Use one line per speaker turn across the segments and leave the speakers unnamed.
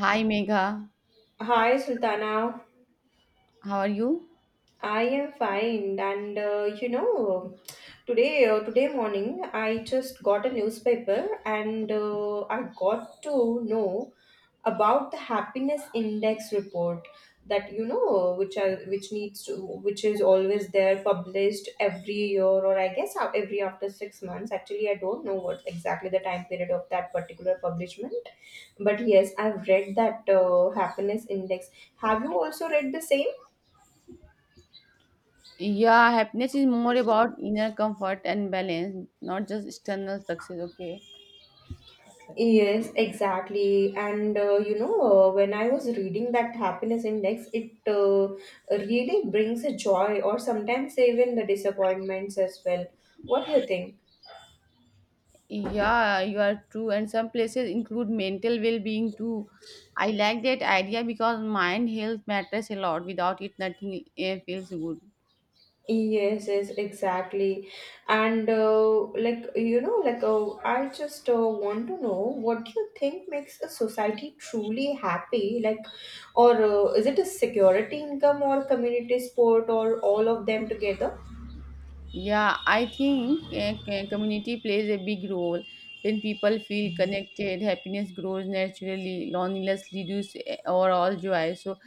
Hi Megha,
Hi, Sultana.
how are you?
I am fine, and today today morning I just got a newspaper, and I got to know about the happiness index report that you know which are which needs to which is always there published every year, or I guess every after 6 months. Actually, I don't know what exactly the time period of that particular publishment, but yes, I've read that happiness index. Have you also read the same?
Yeah, happiness is more about inner comfort and balance, not just external success, okay?
Yes, exactly. And when I was reading that happiness index, it really brings a joy, or sometimes even the disappointments as well. What do you think?
Yeah, you are true, and some places include mental well being too. I like that idea because mind health matters a lot. Without it, nothing feels good.
Yes, yes, exactly. And I just want to know, what do you think makes a society truly happy? Like, or is it a security income or community sport or all of them together?
Yeah, I think community plays a big role. When people feel connected, happiness grows naturally, loneliness reduces overall joy. So,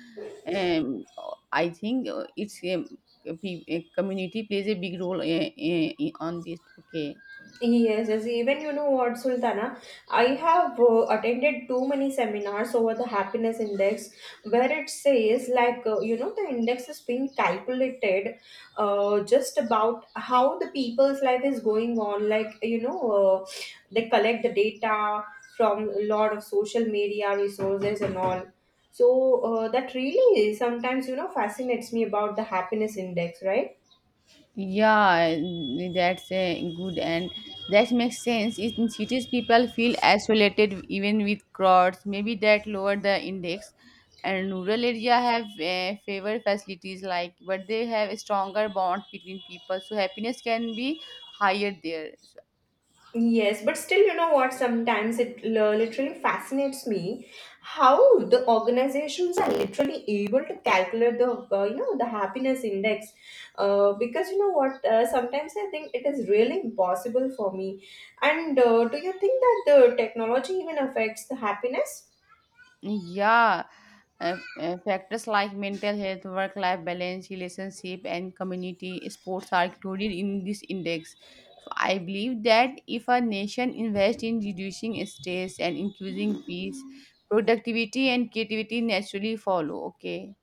um, I think a community plays a big role on this. Okay.
Yes, yes. Even you know what, Sultana, I have attended too many seminars over the happiness index, where it says, the index is being calculated just about how the people's life is going on. They collect the data from a lot of social media resources and all. So, that really sometimes, you know, fascinates me about the happiness index, right?
Yeah, that's good and that makes sense. In cities, people feel isolated even with crowds. Maybe that lower the index. And rural area have favored facilities like, but they have a stronger bond between people. So happiness can be higher there. So
Yes, but still, you know what? Sometimes it literally fascinates me how the organizations are literally able to calculate the the happiness index. Because you know what? Sometimes I think it is really impossible for me. And do you think that the technology even affects the happiness?
Yeah, factors like mental health, work life balance, relationship, and community sports are included in this index. So I believe that if a nation invests in reducing stress and increasing peace, productivity and creativity naturally follow. Okay.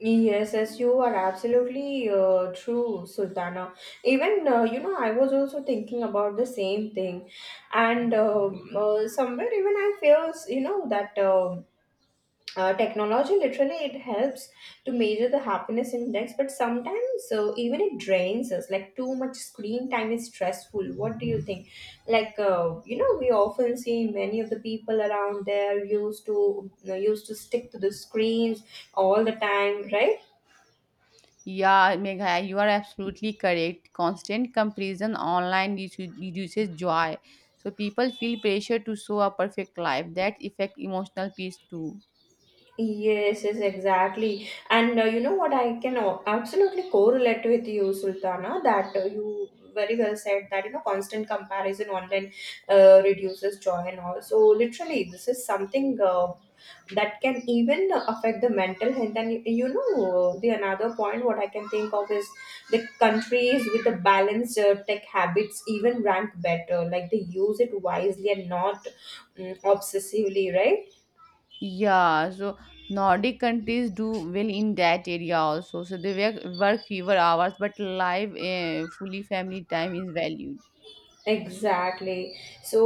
Yes, yes, you are absolutely true, Sultana. Even I was also thinking about the same thing, and somewhere even I feels you know that technology literally it helps to measure the happiness index, but sometimes even it drains us. Like too much screen time is stressful. What do you think? Like we often see many of the people around there used to used to stick to the screens all the time, right?
Yeah, Megha, you are absolutely correct. Constant comparison online reduces joy. So people feel pressure to show a perfect life. That affect emotional peace too.
Yes, yes, exactly. And you know what? I can absolutely correlate with you, Sultana, that you very well said that you know constant comparison online reduces joy and all. So literally, this is something that can even affect the mental health. And you know, the another point what I can think of is the countries with the balanced tech habits even rank better. Like they use it wisely and not, mm, obsessively, right?
Yeah, so Nordic countries do well in that area also. So they work fewer hours, but live, fully family time is valued.
Exactly. So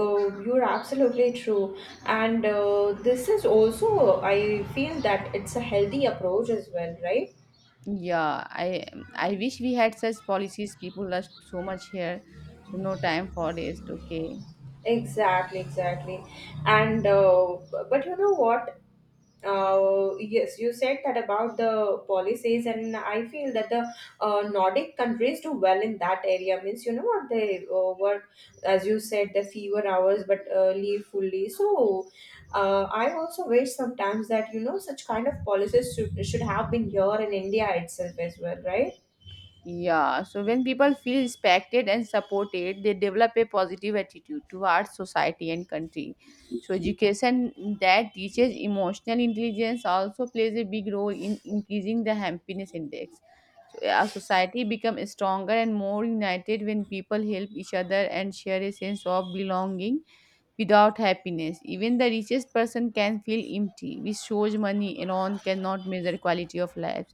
you're absolutely true. And this is also, I feel that it's a healthy approach as well, right?
Yeah, I wish we had such policies. People rush so much here, so no time for rest. Okay.
Exactly, exactly. And but you know what? Yes, you said that about the policies, and I feel that the Nordic countries do well in that area. Means, you know what, they work, as you said, the fewer hours but leave fully. So, I also wish sometimes that you know such kind of policies should have been here in India itself as well, right?
Yeah, so when people feel respected and supported, they develop a positive attitude towards society and country. So, education that teaches emotional intelligence also plays a big role in increasing the happiness index. So, a society becomes stronger and more united when people help each other and share a sense of belonging. Without happiness, even the richest person can feel empty, which shows money alone cannot measure quality of life.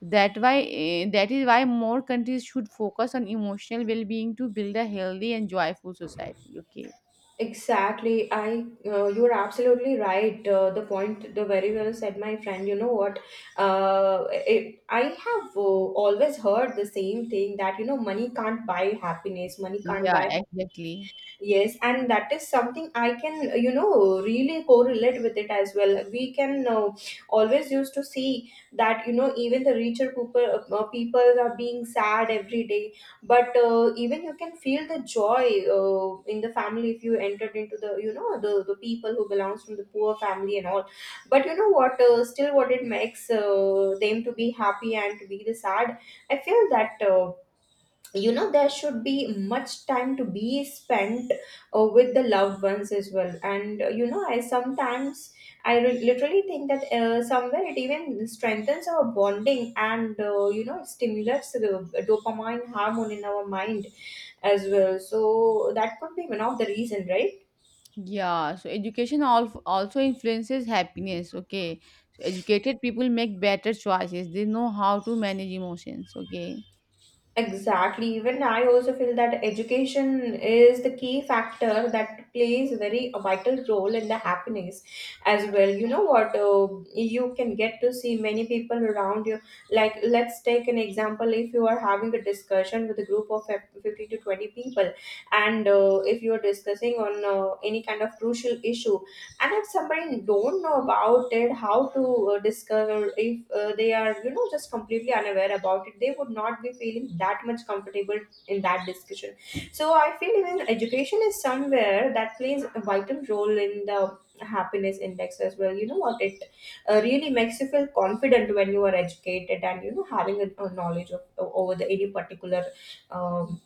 That is why more countries should focus on emotional well-being to build a healthy and joyful society. Okay.
Exactly. I You're absolutely right. The point, the very well said, my friend. You know what? I have always heard the same thing that you know money can't buy happiness. Money can't
Yeah,
buy.
exactly.
Yes, and that is something I can, you know, really correlate with it as well. We can always used to see that, you know, even the richer people, people are being sad every day, but even you can feel the joy in the family if you entered into the people who belongs from the poor family and all. But you know what, still what it makes them to be happy and to be the sad, I feel that. You know, there should be much time to be spent with the loved ones as well. And I sometimes literally think that somewhere it even strengthens our bonding, and you know it stimulates the dopamine hormone in our mind as well, so that could be one of the reason, right?
Yeah, so education also influences happiness. Okay, so educated people make better choices. They know how to manage emotions. Okay.
Exactly. Even I also feel that education is the key factor that plays a very vital role in the happiness as well. You know what? You can get to see many people around you. Like, let's take an example. If you are having a discussion with a group of 50 to 20 people, and if you are discussing on any kind of crucial issue, and if somebody don't know about it how to discover, if they are, you know, just completely unaware about it, they would not be feeling that much comfortable in that discussion. So I feel even education is somewhere that plays a vital role in the happiness index as well. You know what, it really makes you feel confident when you are educated and you know having a knowledge of over the any particular um,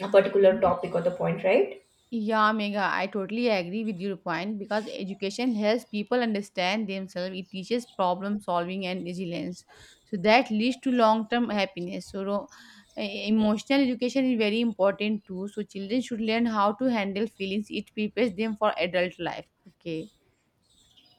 a particular topic or the point, right?
Yeah, Mega, I totally agree with your point because education helps people understand themselves. It teaches problem solving and resilience. So that leads to long term happiness. So emotional education is very important too. So children should learn how to handle feelings. It prepares them for adult life. Okay.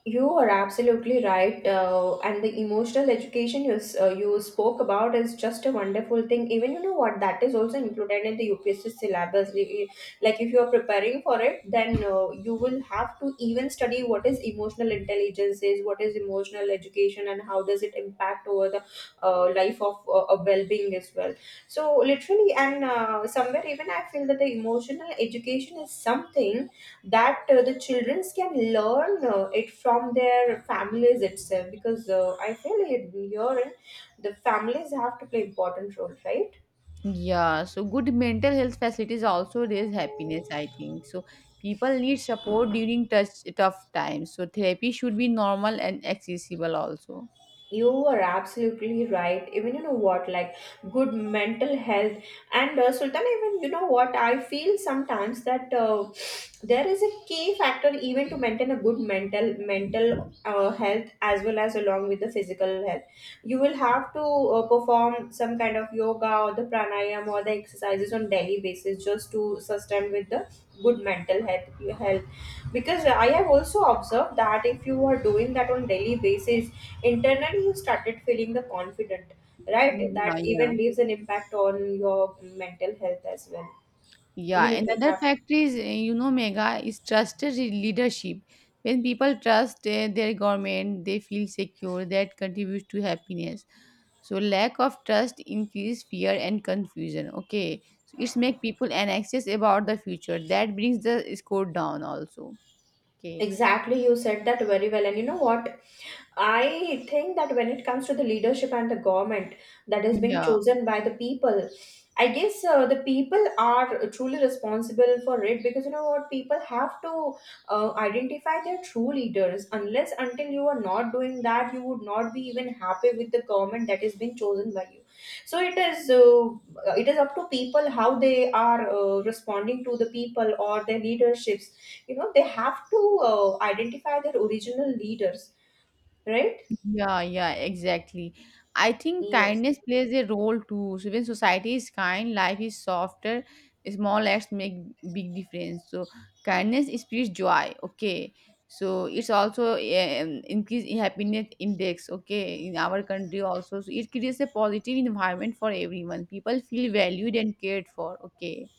You are absolutely right. And the emotional education you, you spoke about is just a wonderful thing. Even you know what, that is also included in the UPSC syllabus. Like if you are preparing for it, then you will have to even study what is emotional intelligence is, what is emotional education, and how does it impact over the life of a well-being as well. So literally, and somewhere even I feel that the emotional education is something that the children can learn it from their families itself, because I feel here in the families have to play important role, right?
Yeah, so good mental health facilities also raise happiness, I think. So people need support during tough times. So therapy should be normal and accessible also.
You were absolutely right. Even you know what, like good mental health, and Sultan, even you know what, I feel sometimes that there is a key factor even to maintain a good mental health as well as along with the physical health. You will have to perform some kind of yoga or the pranayam or the exercises on daily basis just to sustain with the good mental health, because I have also observed that if you are doing that on daily basis, internally you started feeling the confident,
Yeah,
right? That
yeah.
even leaves an impact on your mental health as well. You
Yeah,
literally
another
have.
factor is, Mega is trusted leadership. When people trust their government, they feel secure. That contributes to happiness. So lack of trust increase fear and confusion. Okay, so it's make people anxious about the future. That brings the score down also. Okay.
Exactly, you said that very well. And you know what, I think that when it comes to the leadership and the government that is being
Yeah.
chosen by the people, I guess the people are truly responsible for it, because you know what, people have to identify their true leaders. Unless until you are not doing that, you would not be even happy with the government that is being chosen by you. So it is up to people how they are responding to the people or their leaderships. You know, they have to identify their original leaders, right?
Yeah, yeah, exactly. I think
Yes,
kindness plays a role too. So when society is kind, life is softer. Small acts make big difference. So kindness spreads joy. Okay, so it's also increase in happiness index. Okay, in our country also, so it creates a positive environment for everyone. People feel valued and cared for. Okay.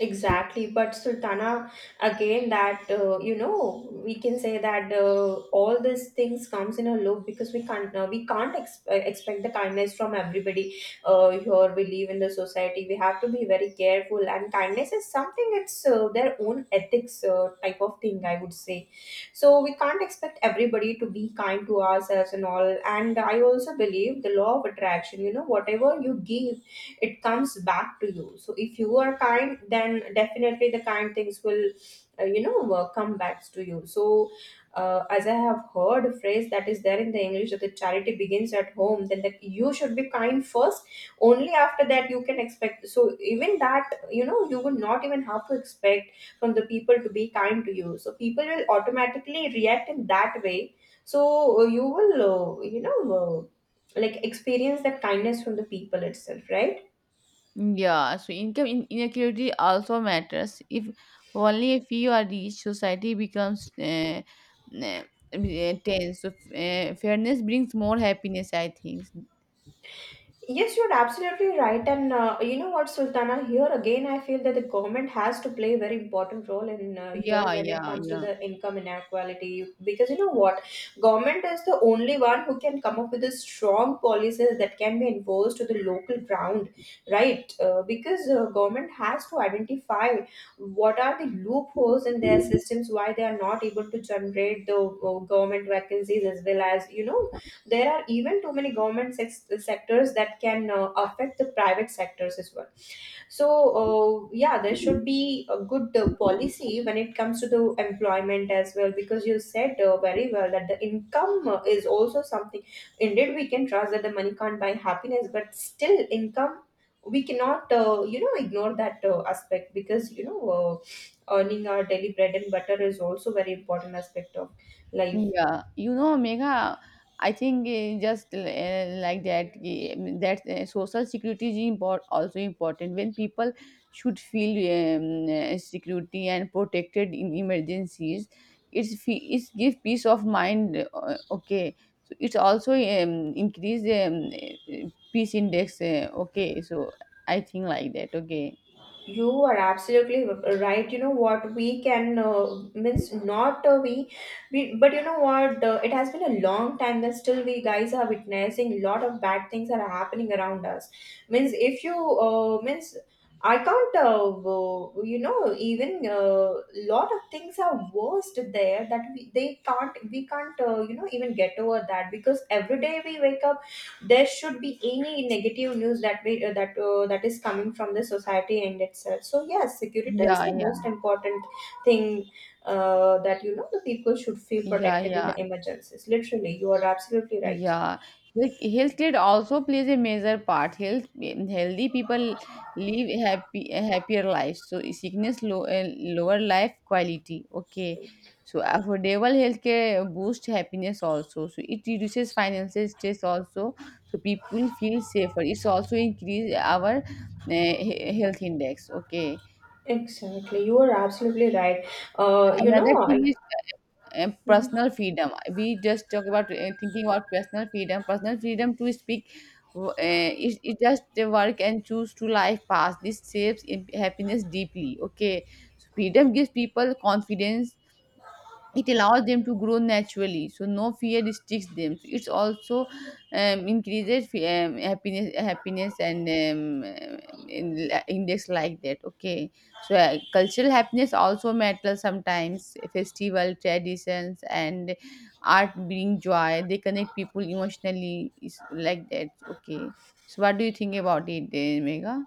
exactly. But Sultana, again, that you know, we can say that all these things comes in a loop, because we can't expect the kindness from everybody. Here we live in the society, we have to be very careful, and kindness is something, it's their own ethics type of thing, I would say. So we can't expect everybody to be kind to ourselves and all. And I also believe the law of attraction. You know, whatever you give, it comes back to you. So if you are kind, then definitely the kind things will come back to you. So as I have heard a phrase that is there in the English that the charity begins at home, then that you should be kind first. Only after that you can expect. So even that, you know, you would not even have to expect from the people to be kind to you, so people will automatically react in that way. So you will like experience that kindness from the people itself, right?
Yeah, so income inequality also matters. If only a few are rich, society becomes uh, tense. So, fairness brings more happiness, I think.
Yes, you're absolutely right. And you know what, Sultana, here again, I feel that the government has to play a very important role in here
Yeah,
when it
yeah,
comes to
yeah.
the income inequality. Because you know what, government is the only one who can come up with the strong policies that can be enforced to the local ground, right? Because government has to identify what are the loopholes in their systems, why they are not able to generate the government vacancies as well as, there are even too many government sectors that can affect the private sectors as well. So yeah, there should be a good policy when it comes to the employment as well, because you said very well that the income is also something. Indeed, we can trust that the money can't buy happiness, but still income, we cannot ignore that aspect, because earning our daily bread and butter is also very important aspect of life.
Yeah, you know, Megha, I think like that, that social security is also important. When people should feel security and protected in emergencies, it's give peace of mind. Okay, so it's also increase peace index. Okay, so I think like that. Okay,
You are absolutely right. You know what, we can means not but you know what, it has been a long time that still we guys are witnessing lot of bad things that are happening around us. Means if you means I can't even lot of things are worst there that we can't even get over that, because every day we wake up there should be any negative news that we that that is coming from the society and itself. So yes, security is
yeah,
the
yeah,
most important thing that the people should feel
yeah,
protected in
yeah.
the emergencies. Literally, you are absolutely right.
Yeah, health care also plays a major part. Healthy people live happier lives. So sickness lower life quality. Okay, so affordable healthcare boosts happiness also. So it reduces financial stress also. So people feel safer. It's also increase our health index. Okay,
Exactly, you are absolutely right. uh, you
another
know
thing
I,
is personal freedom. We just talk about thinking about personal freedom. Personal freedom to speak. It just work and choose to life path. This shapes happiness deeply. Okay, so freedom gives people confidence, it allows them to grow naturally, so no fear restricts them. So it's also increases happiness and index like that. Okay, so cultural happiness also matters. Sometimes festival traditions and art bring joy, they connect people emotionally, is like that. Okay, so what do you think about it, Mega?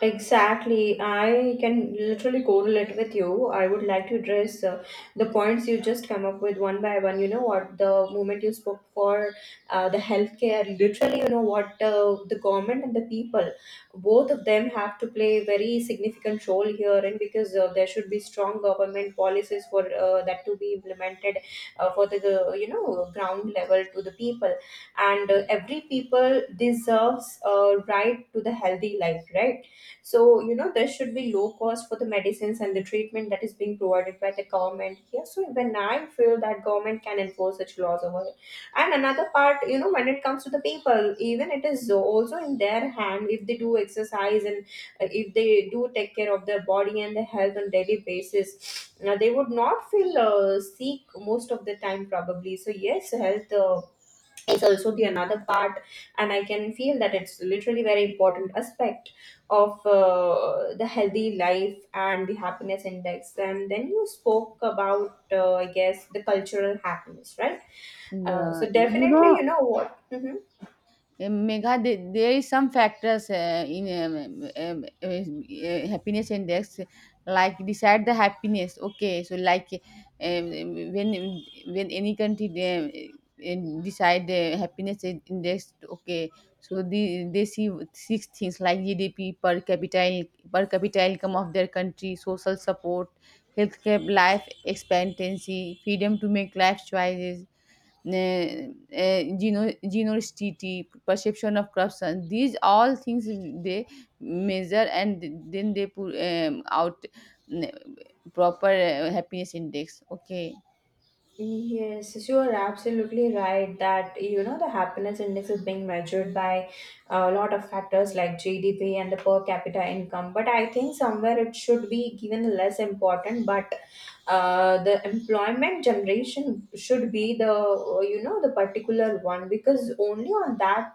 Exactly. I can literally correlate with you. I would like to address the points you just come up with one by one. You know what? The moment you spoke for the healthcare, literally, you know what? The government and the people, both of them have to play a very significant role here, and because there should be strong government policies for that to be implemented for the ground level to the people, and every people deserves a right to the healthy life, right? So, there should be low cost for the medicines and the treatment that is being provided by the government here. So when I feel that government can enforce such laws over here. And another part, when it comes to the people, even it is also in their hand if they do exercise and if they do take care of their body and their health on daily basis. They would not feel sick most of the time probably. So yes, health is also the another part, and I can feel that it's literally very important aspect of the healthy life and the happiness index. And then you spoke about I guess the cultural happiness, right?
Yeah,
So
you
definitely,
know,
you know what. Mm-hmm.
Megha, there is some factors in happiness index like decide the happiness. Okay, so like um, when when any country they, decide the happiness index, okay, so they see six things like GDP per capita income of their country, social support, healthcare, life expectancy, freedom to make life choices, generosity, perception of corruption. These all things they measure and then they put out mm, proper happiness index. Okay.
Yes, yes, you are absolutely right that you know the happiness index is being measured by a lot of factors like GDP and the per capita income. But I think somewhere it should be given less important. But the employment generation should be the the particular one, because only on that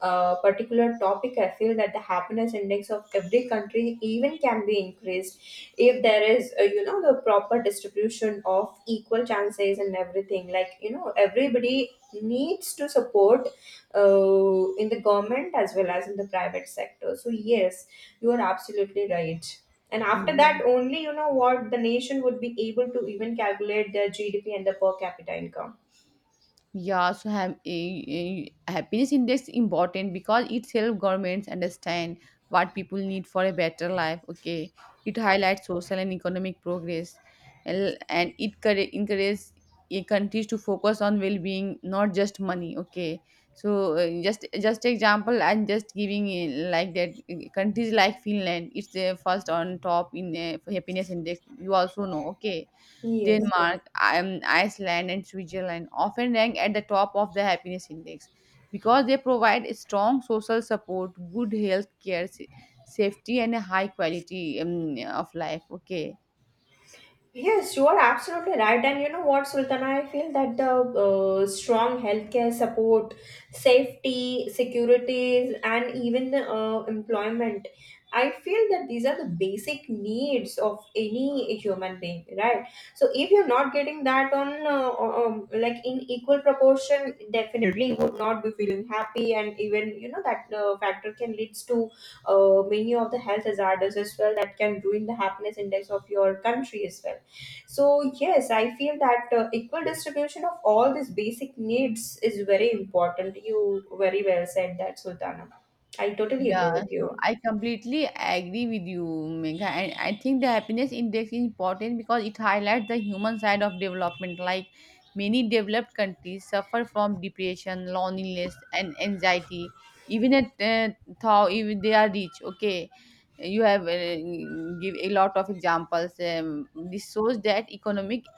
particular topic I feel that the happiness index of every country even can be increased if there is the proper distribution of equal chances and everything, like everybody needs to support in the government as well as in the private sector. So yes, you are absolutely right, and after
Yeah.
that only, you know what, the nation would be able to even calculate their GDP and the per capita income.
Yeah, so happiness index important because it helps governments understand what people need for a better life. Okay, it highlights social and economic progress, and it encourages a countries to focus on well-being, not just money. Okay, so just example, I'm just giving like that countries like Finland, it's the first on top in happiness index. You also know. Okay.
Yes.
Denmark, Iceland, and Switzerland often rank at the top of the happiness index because they provide strong social support, good health care, safety, and a high quality of life. Okay.
Yes, you are absolutely right. And you know what, Sultana? I feel that the strong healthcare support, safety, securities, and even the employment, I feel that these are the basic needs of any human being, right? So if you're not getting that on like in equal proportion, definitely you would not be feeling happy, and even you know that factor can leads to many of the health hazards as well that can ruin the happiness index of your country as well. So yes, I feel that equal distribution of all these basic needs is very important. You very well said that, Sultana. I totally
Yeah,
agree with
so
you.
I completely agree with you, Megha. And I think the happiness index is important because it highlights the human side of development. Like many developed countries suffer from depression, loneliness, and anxiety. Even at though even they are rich, okay, you have give a lot of examples. This shows that economic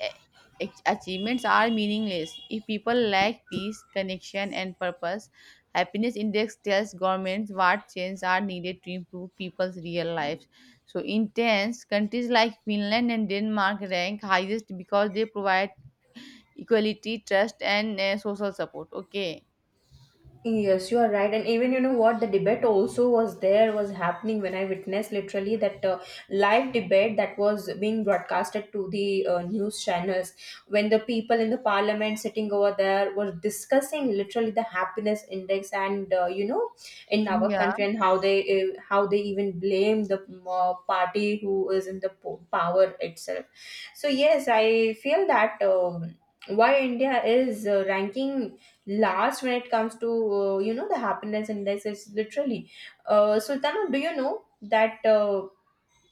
achievements are meaningless if people lack peace, connection, and purpose. Happiness index tells governments what changes are needed to improve people's real lives. So in tens countries like Finland and Denmark rank highest because they provide equality, trust, and social support. Okay,
Yes, you are right. And even you know what, the debate also was there was happening when I witnessed literally that live debate that was being broadcasted to the news channels, when the people in the parliament sitting over there were discussing literally the happiness index and in our
yeah,
country, and how they even blame the party who is in the power itself. So yes, I feel that why India is ranking last when it comes to the happiness index is literally Sultana, do you know that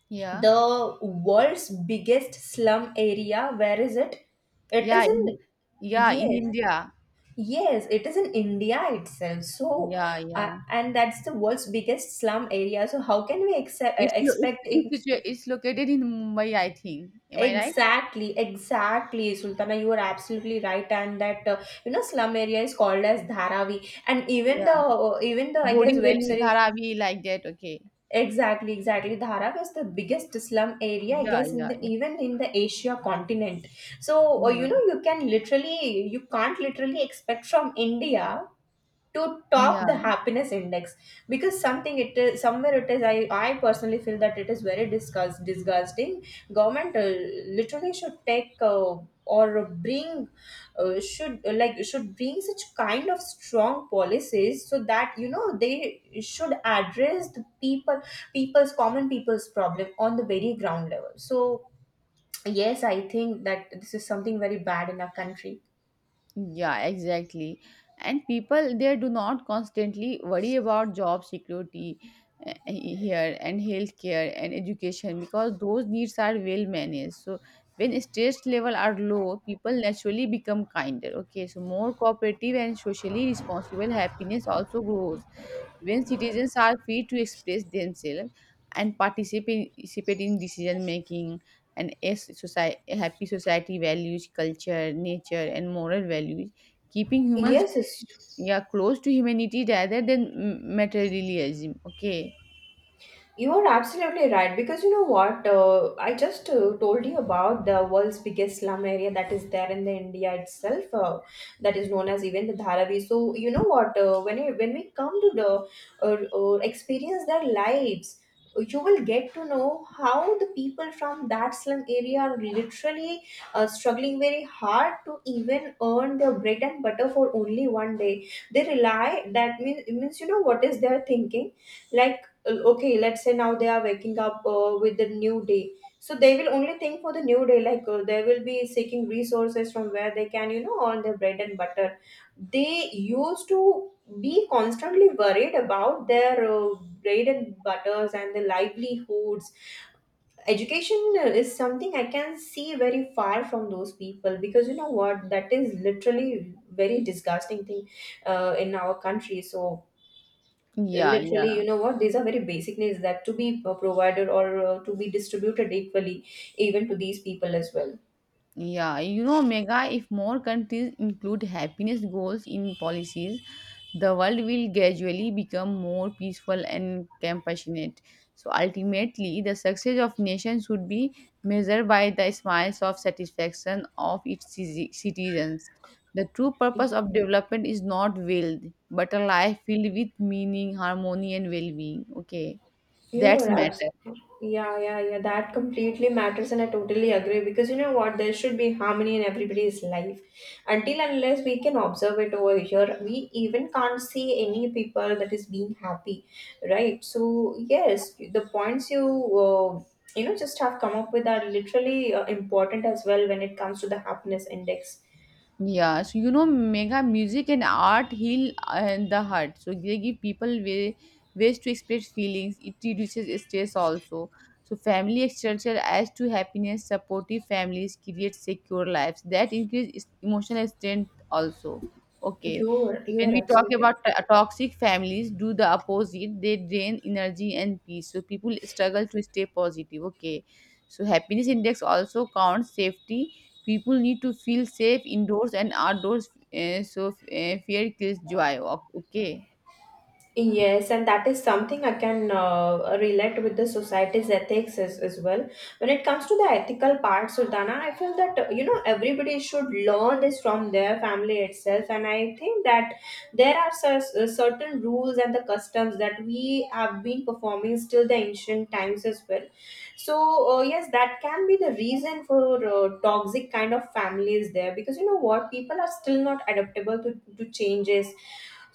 yeah,
the world's biggest slum area, where is it? It
yeah,
is in...
yeah, in
Yes.
India.
Yes, it is in India itself. So
Yeah, yeah,
and that's the world's biggest slum area. So how can we ex
it's, lo-
expect
it's,
in...
situa- it's located in Mumbai, I think, am I right?
Exactly, exactly, Sultana, you are absolutely right. And that slum area is called as Dharavi. And even the
Yeah,
I guess web
Borivali,
series...
Dharavi, like that. Okay.
Exactly, exactly. Dhara was the biggest slum area, I
Yeah,
guess, in
yeah,
the,
yeah,
even in the Asia continent. So
yeah,
you can't literally expect from India to
yeah.
top the happiness index, because something it is somewhere it is I personally feel that it is very disgusting. Government literally should take or bring should like should bring such kind of strong policies, so that you know they should address the people's common people's problem on the very ground level. So yes, I think that this is something very bad in our country.
Yeah, exactly. And people there do not constantly worry about job security here and healthcare and education because those needs are well managed. So when stress level are low, people naturally become kinder. Okay, so more cooperative and socially responsible, happiness also grows. When citizens are free to express themselves and participate in decision making, and as society, a happy society values culture, nature, and moral values, keeping humans,
Yes, yes.
yeah, close to humanity rather than materialism. Okay.
You are absolutely right, because you know what, I just told you about the world's biggest slum area that is there in the India itself, that is known as even the Dharavi. So you know what, when we come to the experience their lives, you will get to know how the people from that slum area are literally struggling very hard to even earn their bread and butter for only one day. They rely, that means, you know what is their thinking, like okay, let's say now they are waking up with the new day. So they will only think for the new day, like they will be seeking resources from where they can, you know, earn their bread and butter. They used to be constantly worried about their bread and butters and the livelihoods. Education is something I can see very far from those people, because you know what, that is literally very disgusting thing in our country. So
Yeah,
literally,
yeah,
you know what, these are very basic needs that to be provided or to be distributed equally even to these people as well.
yeah. You know, Mega, if more countries include happiness goals in policies, the world will gradually become more peaceful and compassionate. So ultimately, the success of nation should be measured by the smiles of satisfaction of its citizens. The true purpose of development is not wealth, but a life filled with meaning, harmony, and well-being. Okay,
You are
that's matter.
absolutely Yeah, yeah, yeah. That completely matters, and I totally agree, because you know what? There should be harmony in everybody's life. Until and unless we can observe it over here, we even can't see any people that is being happy, right? So yes, the points you uh, you know just have come up with are literally important as well when it comes to the happiness index.
Yeah, so you know, Mega, music and art heal the heart. So they give people ways to express feelings. It reduces stress also. So family structure adds to happiness. Supportive families create secure lives that increase emotional strength also. Okay,
You're
when
you're
we talk
absolutely right.
about toxic families, do the opposite. They drain energy and peace. So people struggle to stay positive. Okay, so happiness index also counts safety. People need to feel safe indoors and outdoors, fear kills joy. Okay,
Yes, and that is something I can relate with the society's ethics, as well. When it comes to the ethical part, Sultana, I feel that everybody should learn this from their family itself, and I think that there are certain rules and the customs that we have been performing still the ancient times as well. So yes, that can be the reason for toxic kind of families there, because you know what, people are still not adaptable to changes.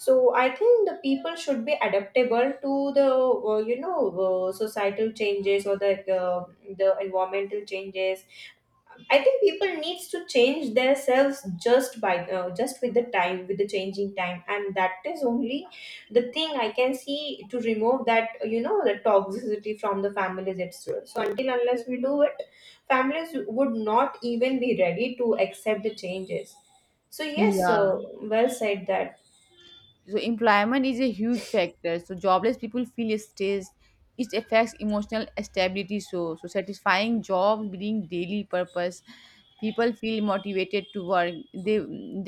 So I think the people should be adaptable to the societal changes or uh, the environmental changes. I think people needs to change themselves, just with the time, with the changing time, and that is only the thing I can see to remove that you know the toxicity from the families itself. So until unless we do it, families would not even be ready to accept the changes. So yes,
yeah,
well said that.
so employment is a huge factor. So jobless people feel stressed, it affects emotional stability. So satisfying job being daily purpose, people feel motivated to work, they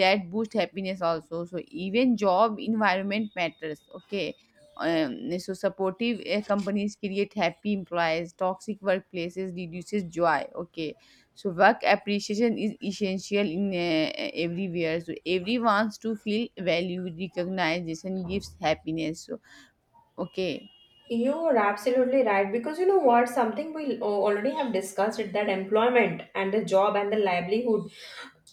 that boost happiness also. So even job environment matters. Okay, so supportive companies create happy employees, toxic workplaces reduces joy. Okay, so work appreciation is essential in everywhere. So everyone to feel valued, recognition gives happiness, so okay.
You are absolutely right, because you know what, something we already have discussed it, that employment and the job and the livelihood,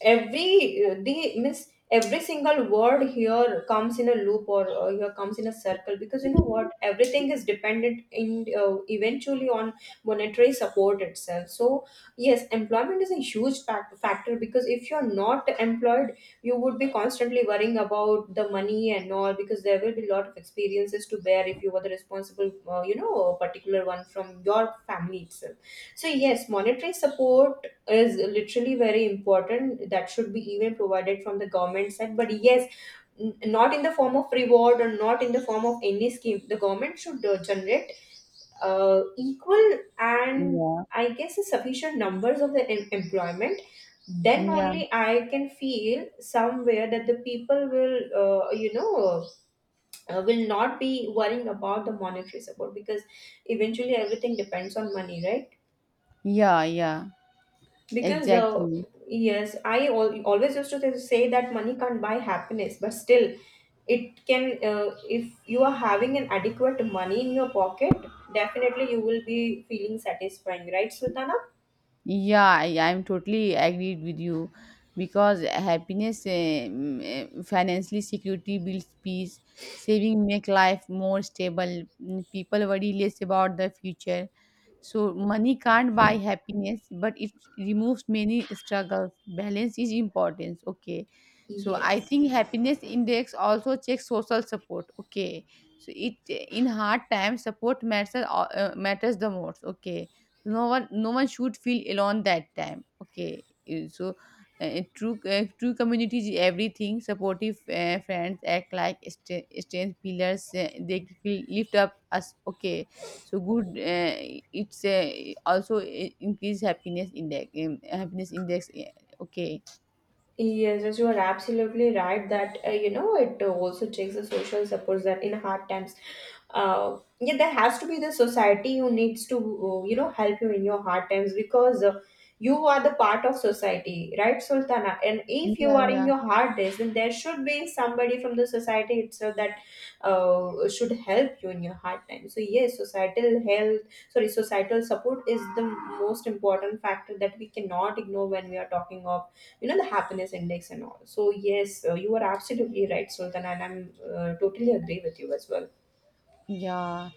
every the miss every single word here comes in a loop, or here comes in a circle, because you know what, everything is dependent in eventually on monetary support itself. So yes, employment is a huge factor, because if you're not employed you would be constantly worrying about the money and all, because there will be a lot of experiences to bear if you were the responsible particular one from your family itself. So yes, monetary support is literally very important that should be even provided from the government side. But yes, not in the form of reward or not in the form of any scheme. The government should generate equal and
Yeah,
I guess a sufficient numbers of the employment. Then
yeah,
only I can feel somewhere that the people will you know will not be worrying about the monetary support, because eventually everything depends on money, right?
yeah, yeah,
Because,
exactly.
yes, I always used to say that money can't buy happiness, but still, it can, if you are having an adequate money in your pocket, definitely you will be feeling satisfying, right, Sultana?
Yeah, I'm totally agreed with you because financially security builds peace. Saving make life more stable. People worry less about the future, so money can't buy happiness, but it removes many struggles. Balance is important. Okay. So I
Yes.
think happiness index also checks social support. Okay. So it in hard times support matters the most. Okay. No one should feel alone that time. Okay. So true community is everything. Supportive friends act like strength pillars. They feel lift up us. Okay, so good it's also increase happiness index, yeah, okay,
Yes, yes, you are absolutely right that it also takes the social support, that in hard times, yeah, there has to be the society who needs to help you in your hard times, because you are the part of society, right, Sultana? And if you
yeah,
are in
yeah.
your hard days, then there should be somebody from the society itself that should help you in your hard times. So yes, societal health, sorry, societal support is the most important factor that we cannot ignore when we are talking of, the happiness index and all. So yes, you are absolutely right, Sultan, and I'm totally agree with you as well.
Yeah.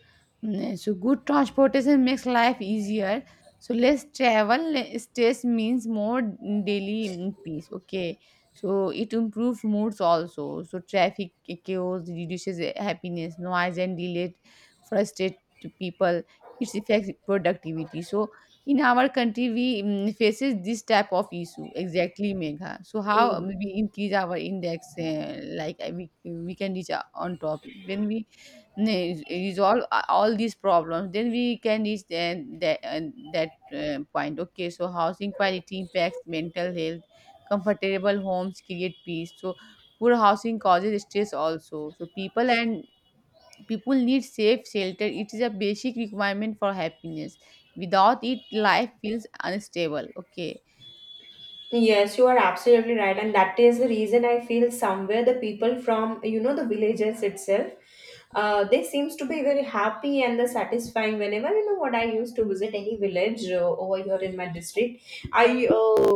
So good transportation makes life easier. So less travel, less stress means more daily peace. Okay. So it improves moods also. So traffic chaos reduces happiness, noise and delay frustrate people. It affects productivity. So in our country, we faces this type of issue exactly, Megha. So how we increase our index, like we can reach on top when we resolve all these problems. Then we can reach then that and that point. Okay, so housing quality impacts mental health, comfortable homes create peace. So poor housing causes stress also. So people need safe shelter, it is a basic requirement for happiness. Without it, life feels unstable. Okay,
Yes, you are absolutely right, and that is the reason I feel somewhere the people from, the villages itself, they seems to be very happy and the satisfying. Whenever you know what, I used to visit any village over here in my district, I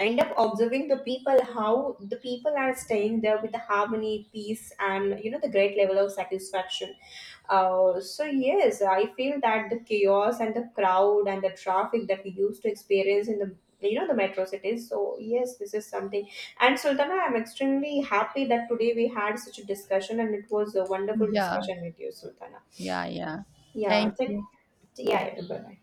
end up observing the people how the people are staying there with the harmony, peace, and you know the great level of satisfaction. So yes, I feel that the chaos and the crowd and the traffic that we used to experience in the, the metro cities, so yes, this is something. And Sultana, I'm extremely happy that today we had such a discussion, and it was a wonderful
yeah,
discussion with you, Sultana.
yeah, yeah,
Yeah,
thank you.
yeah, bye.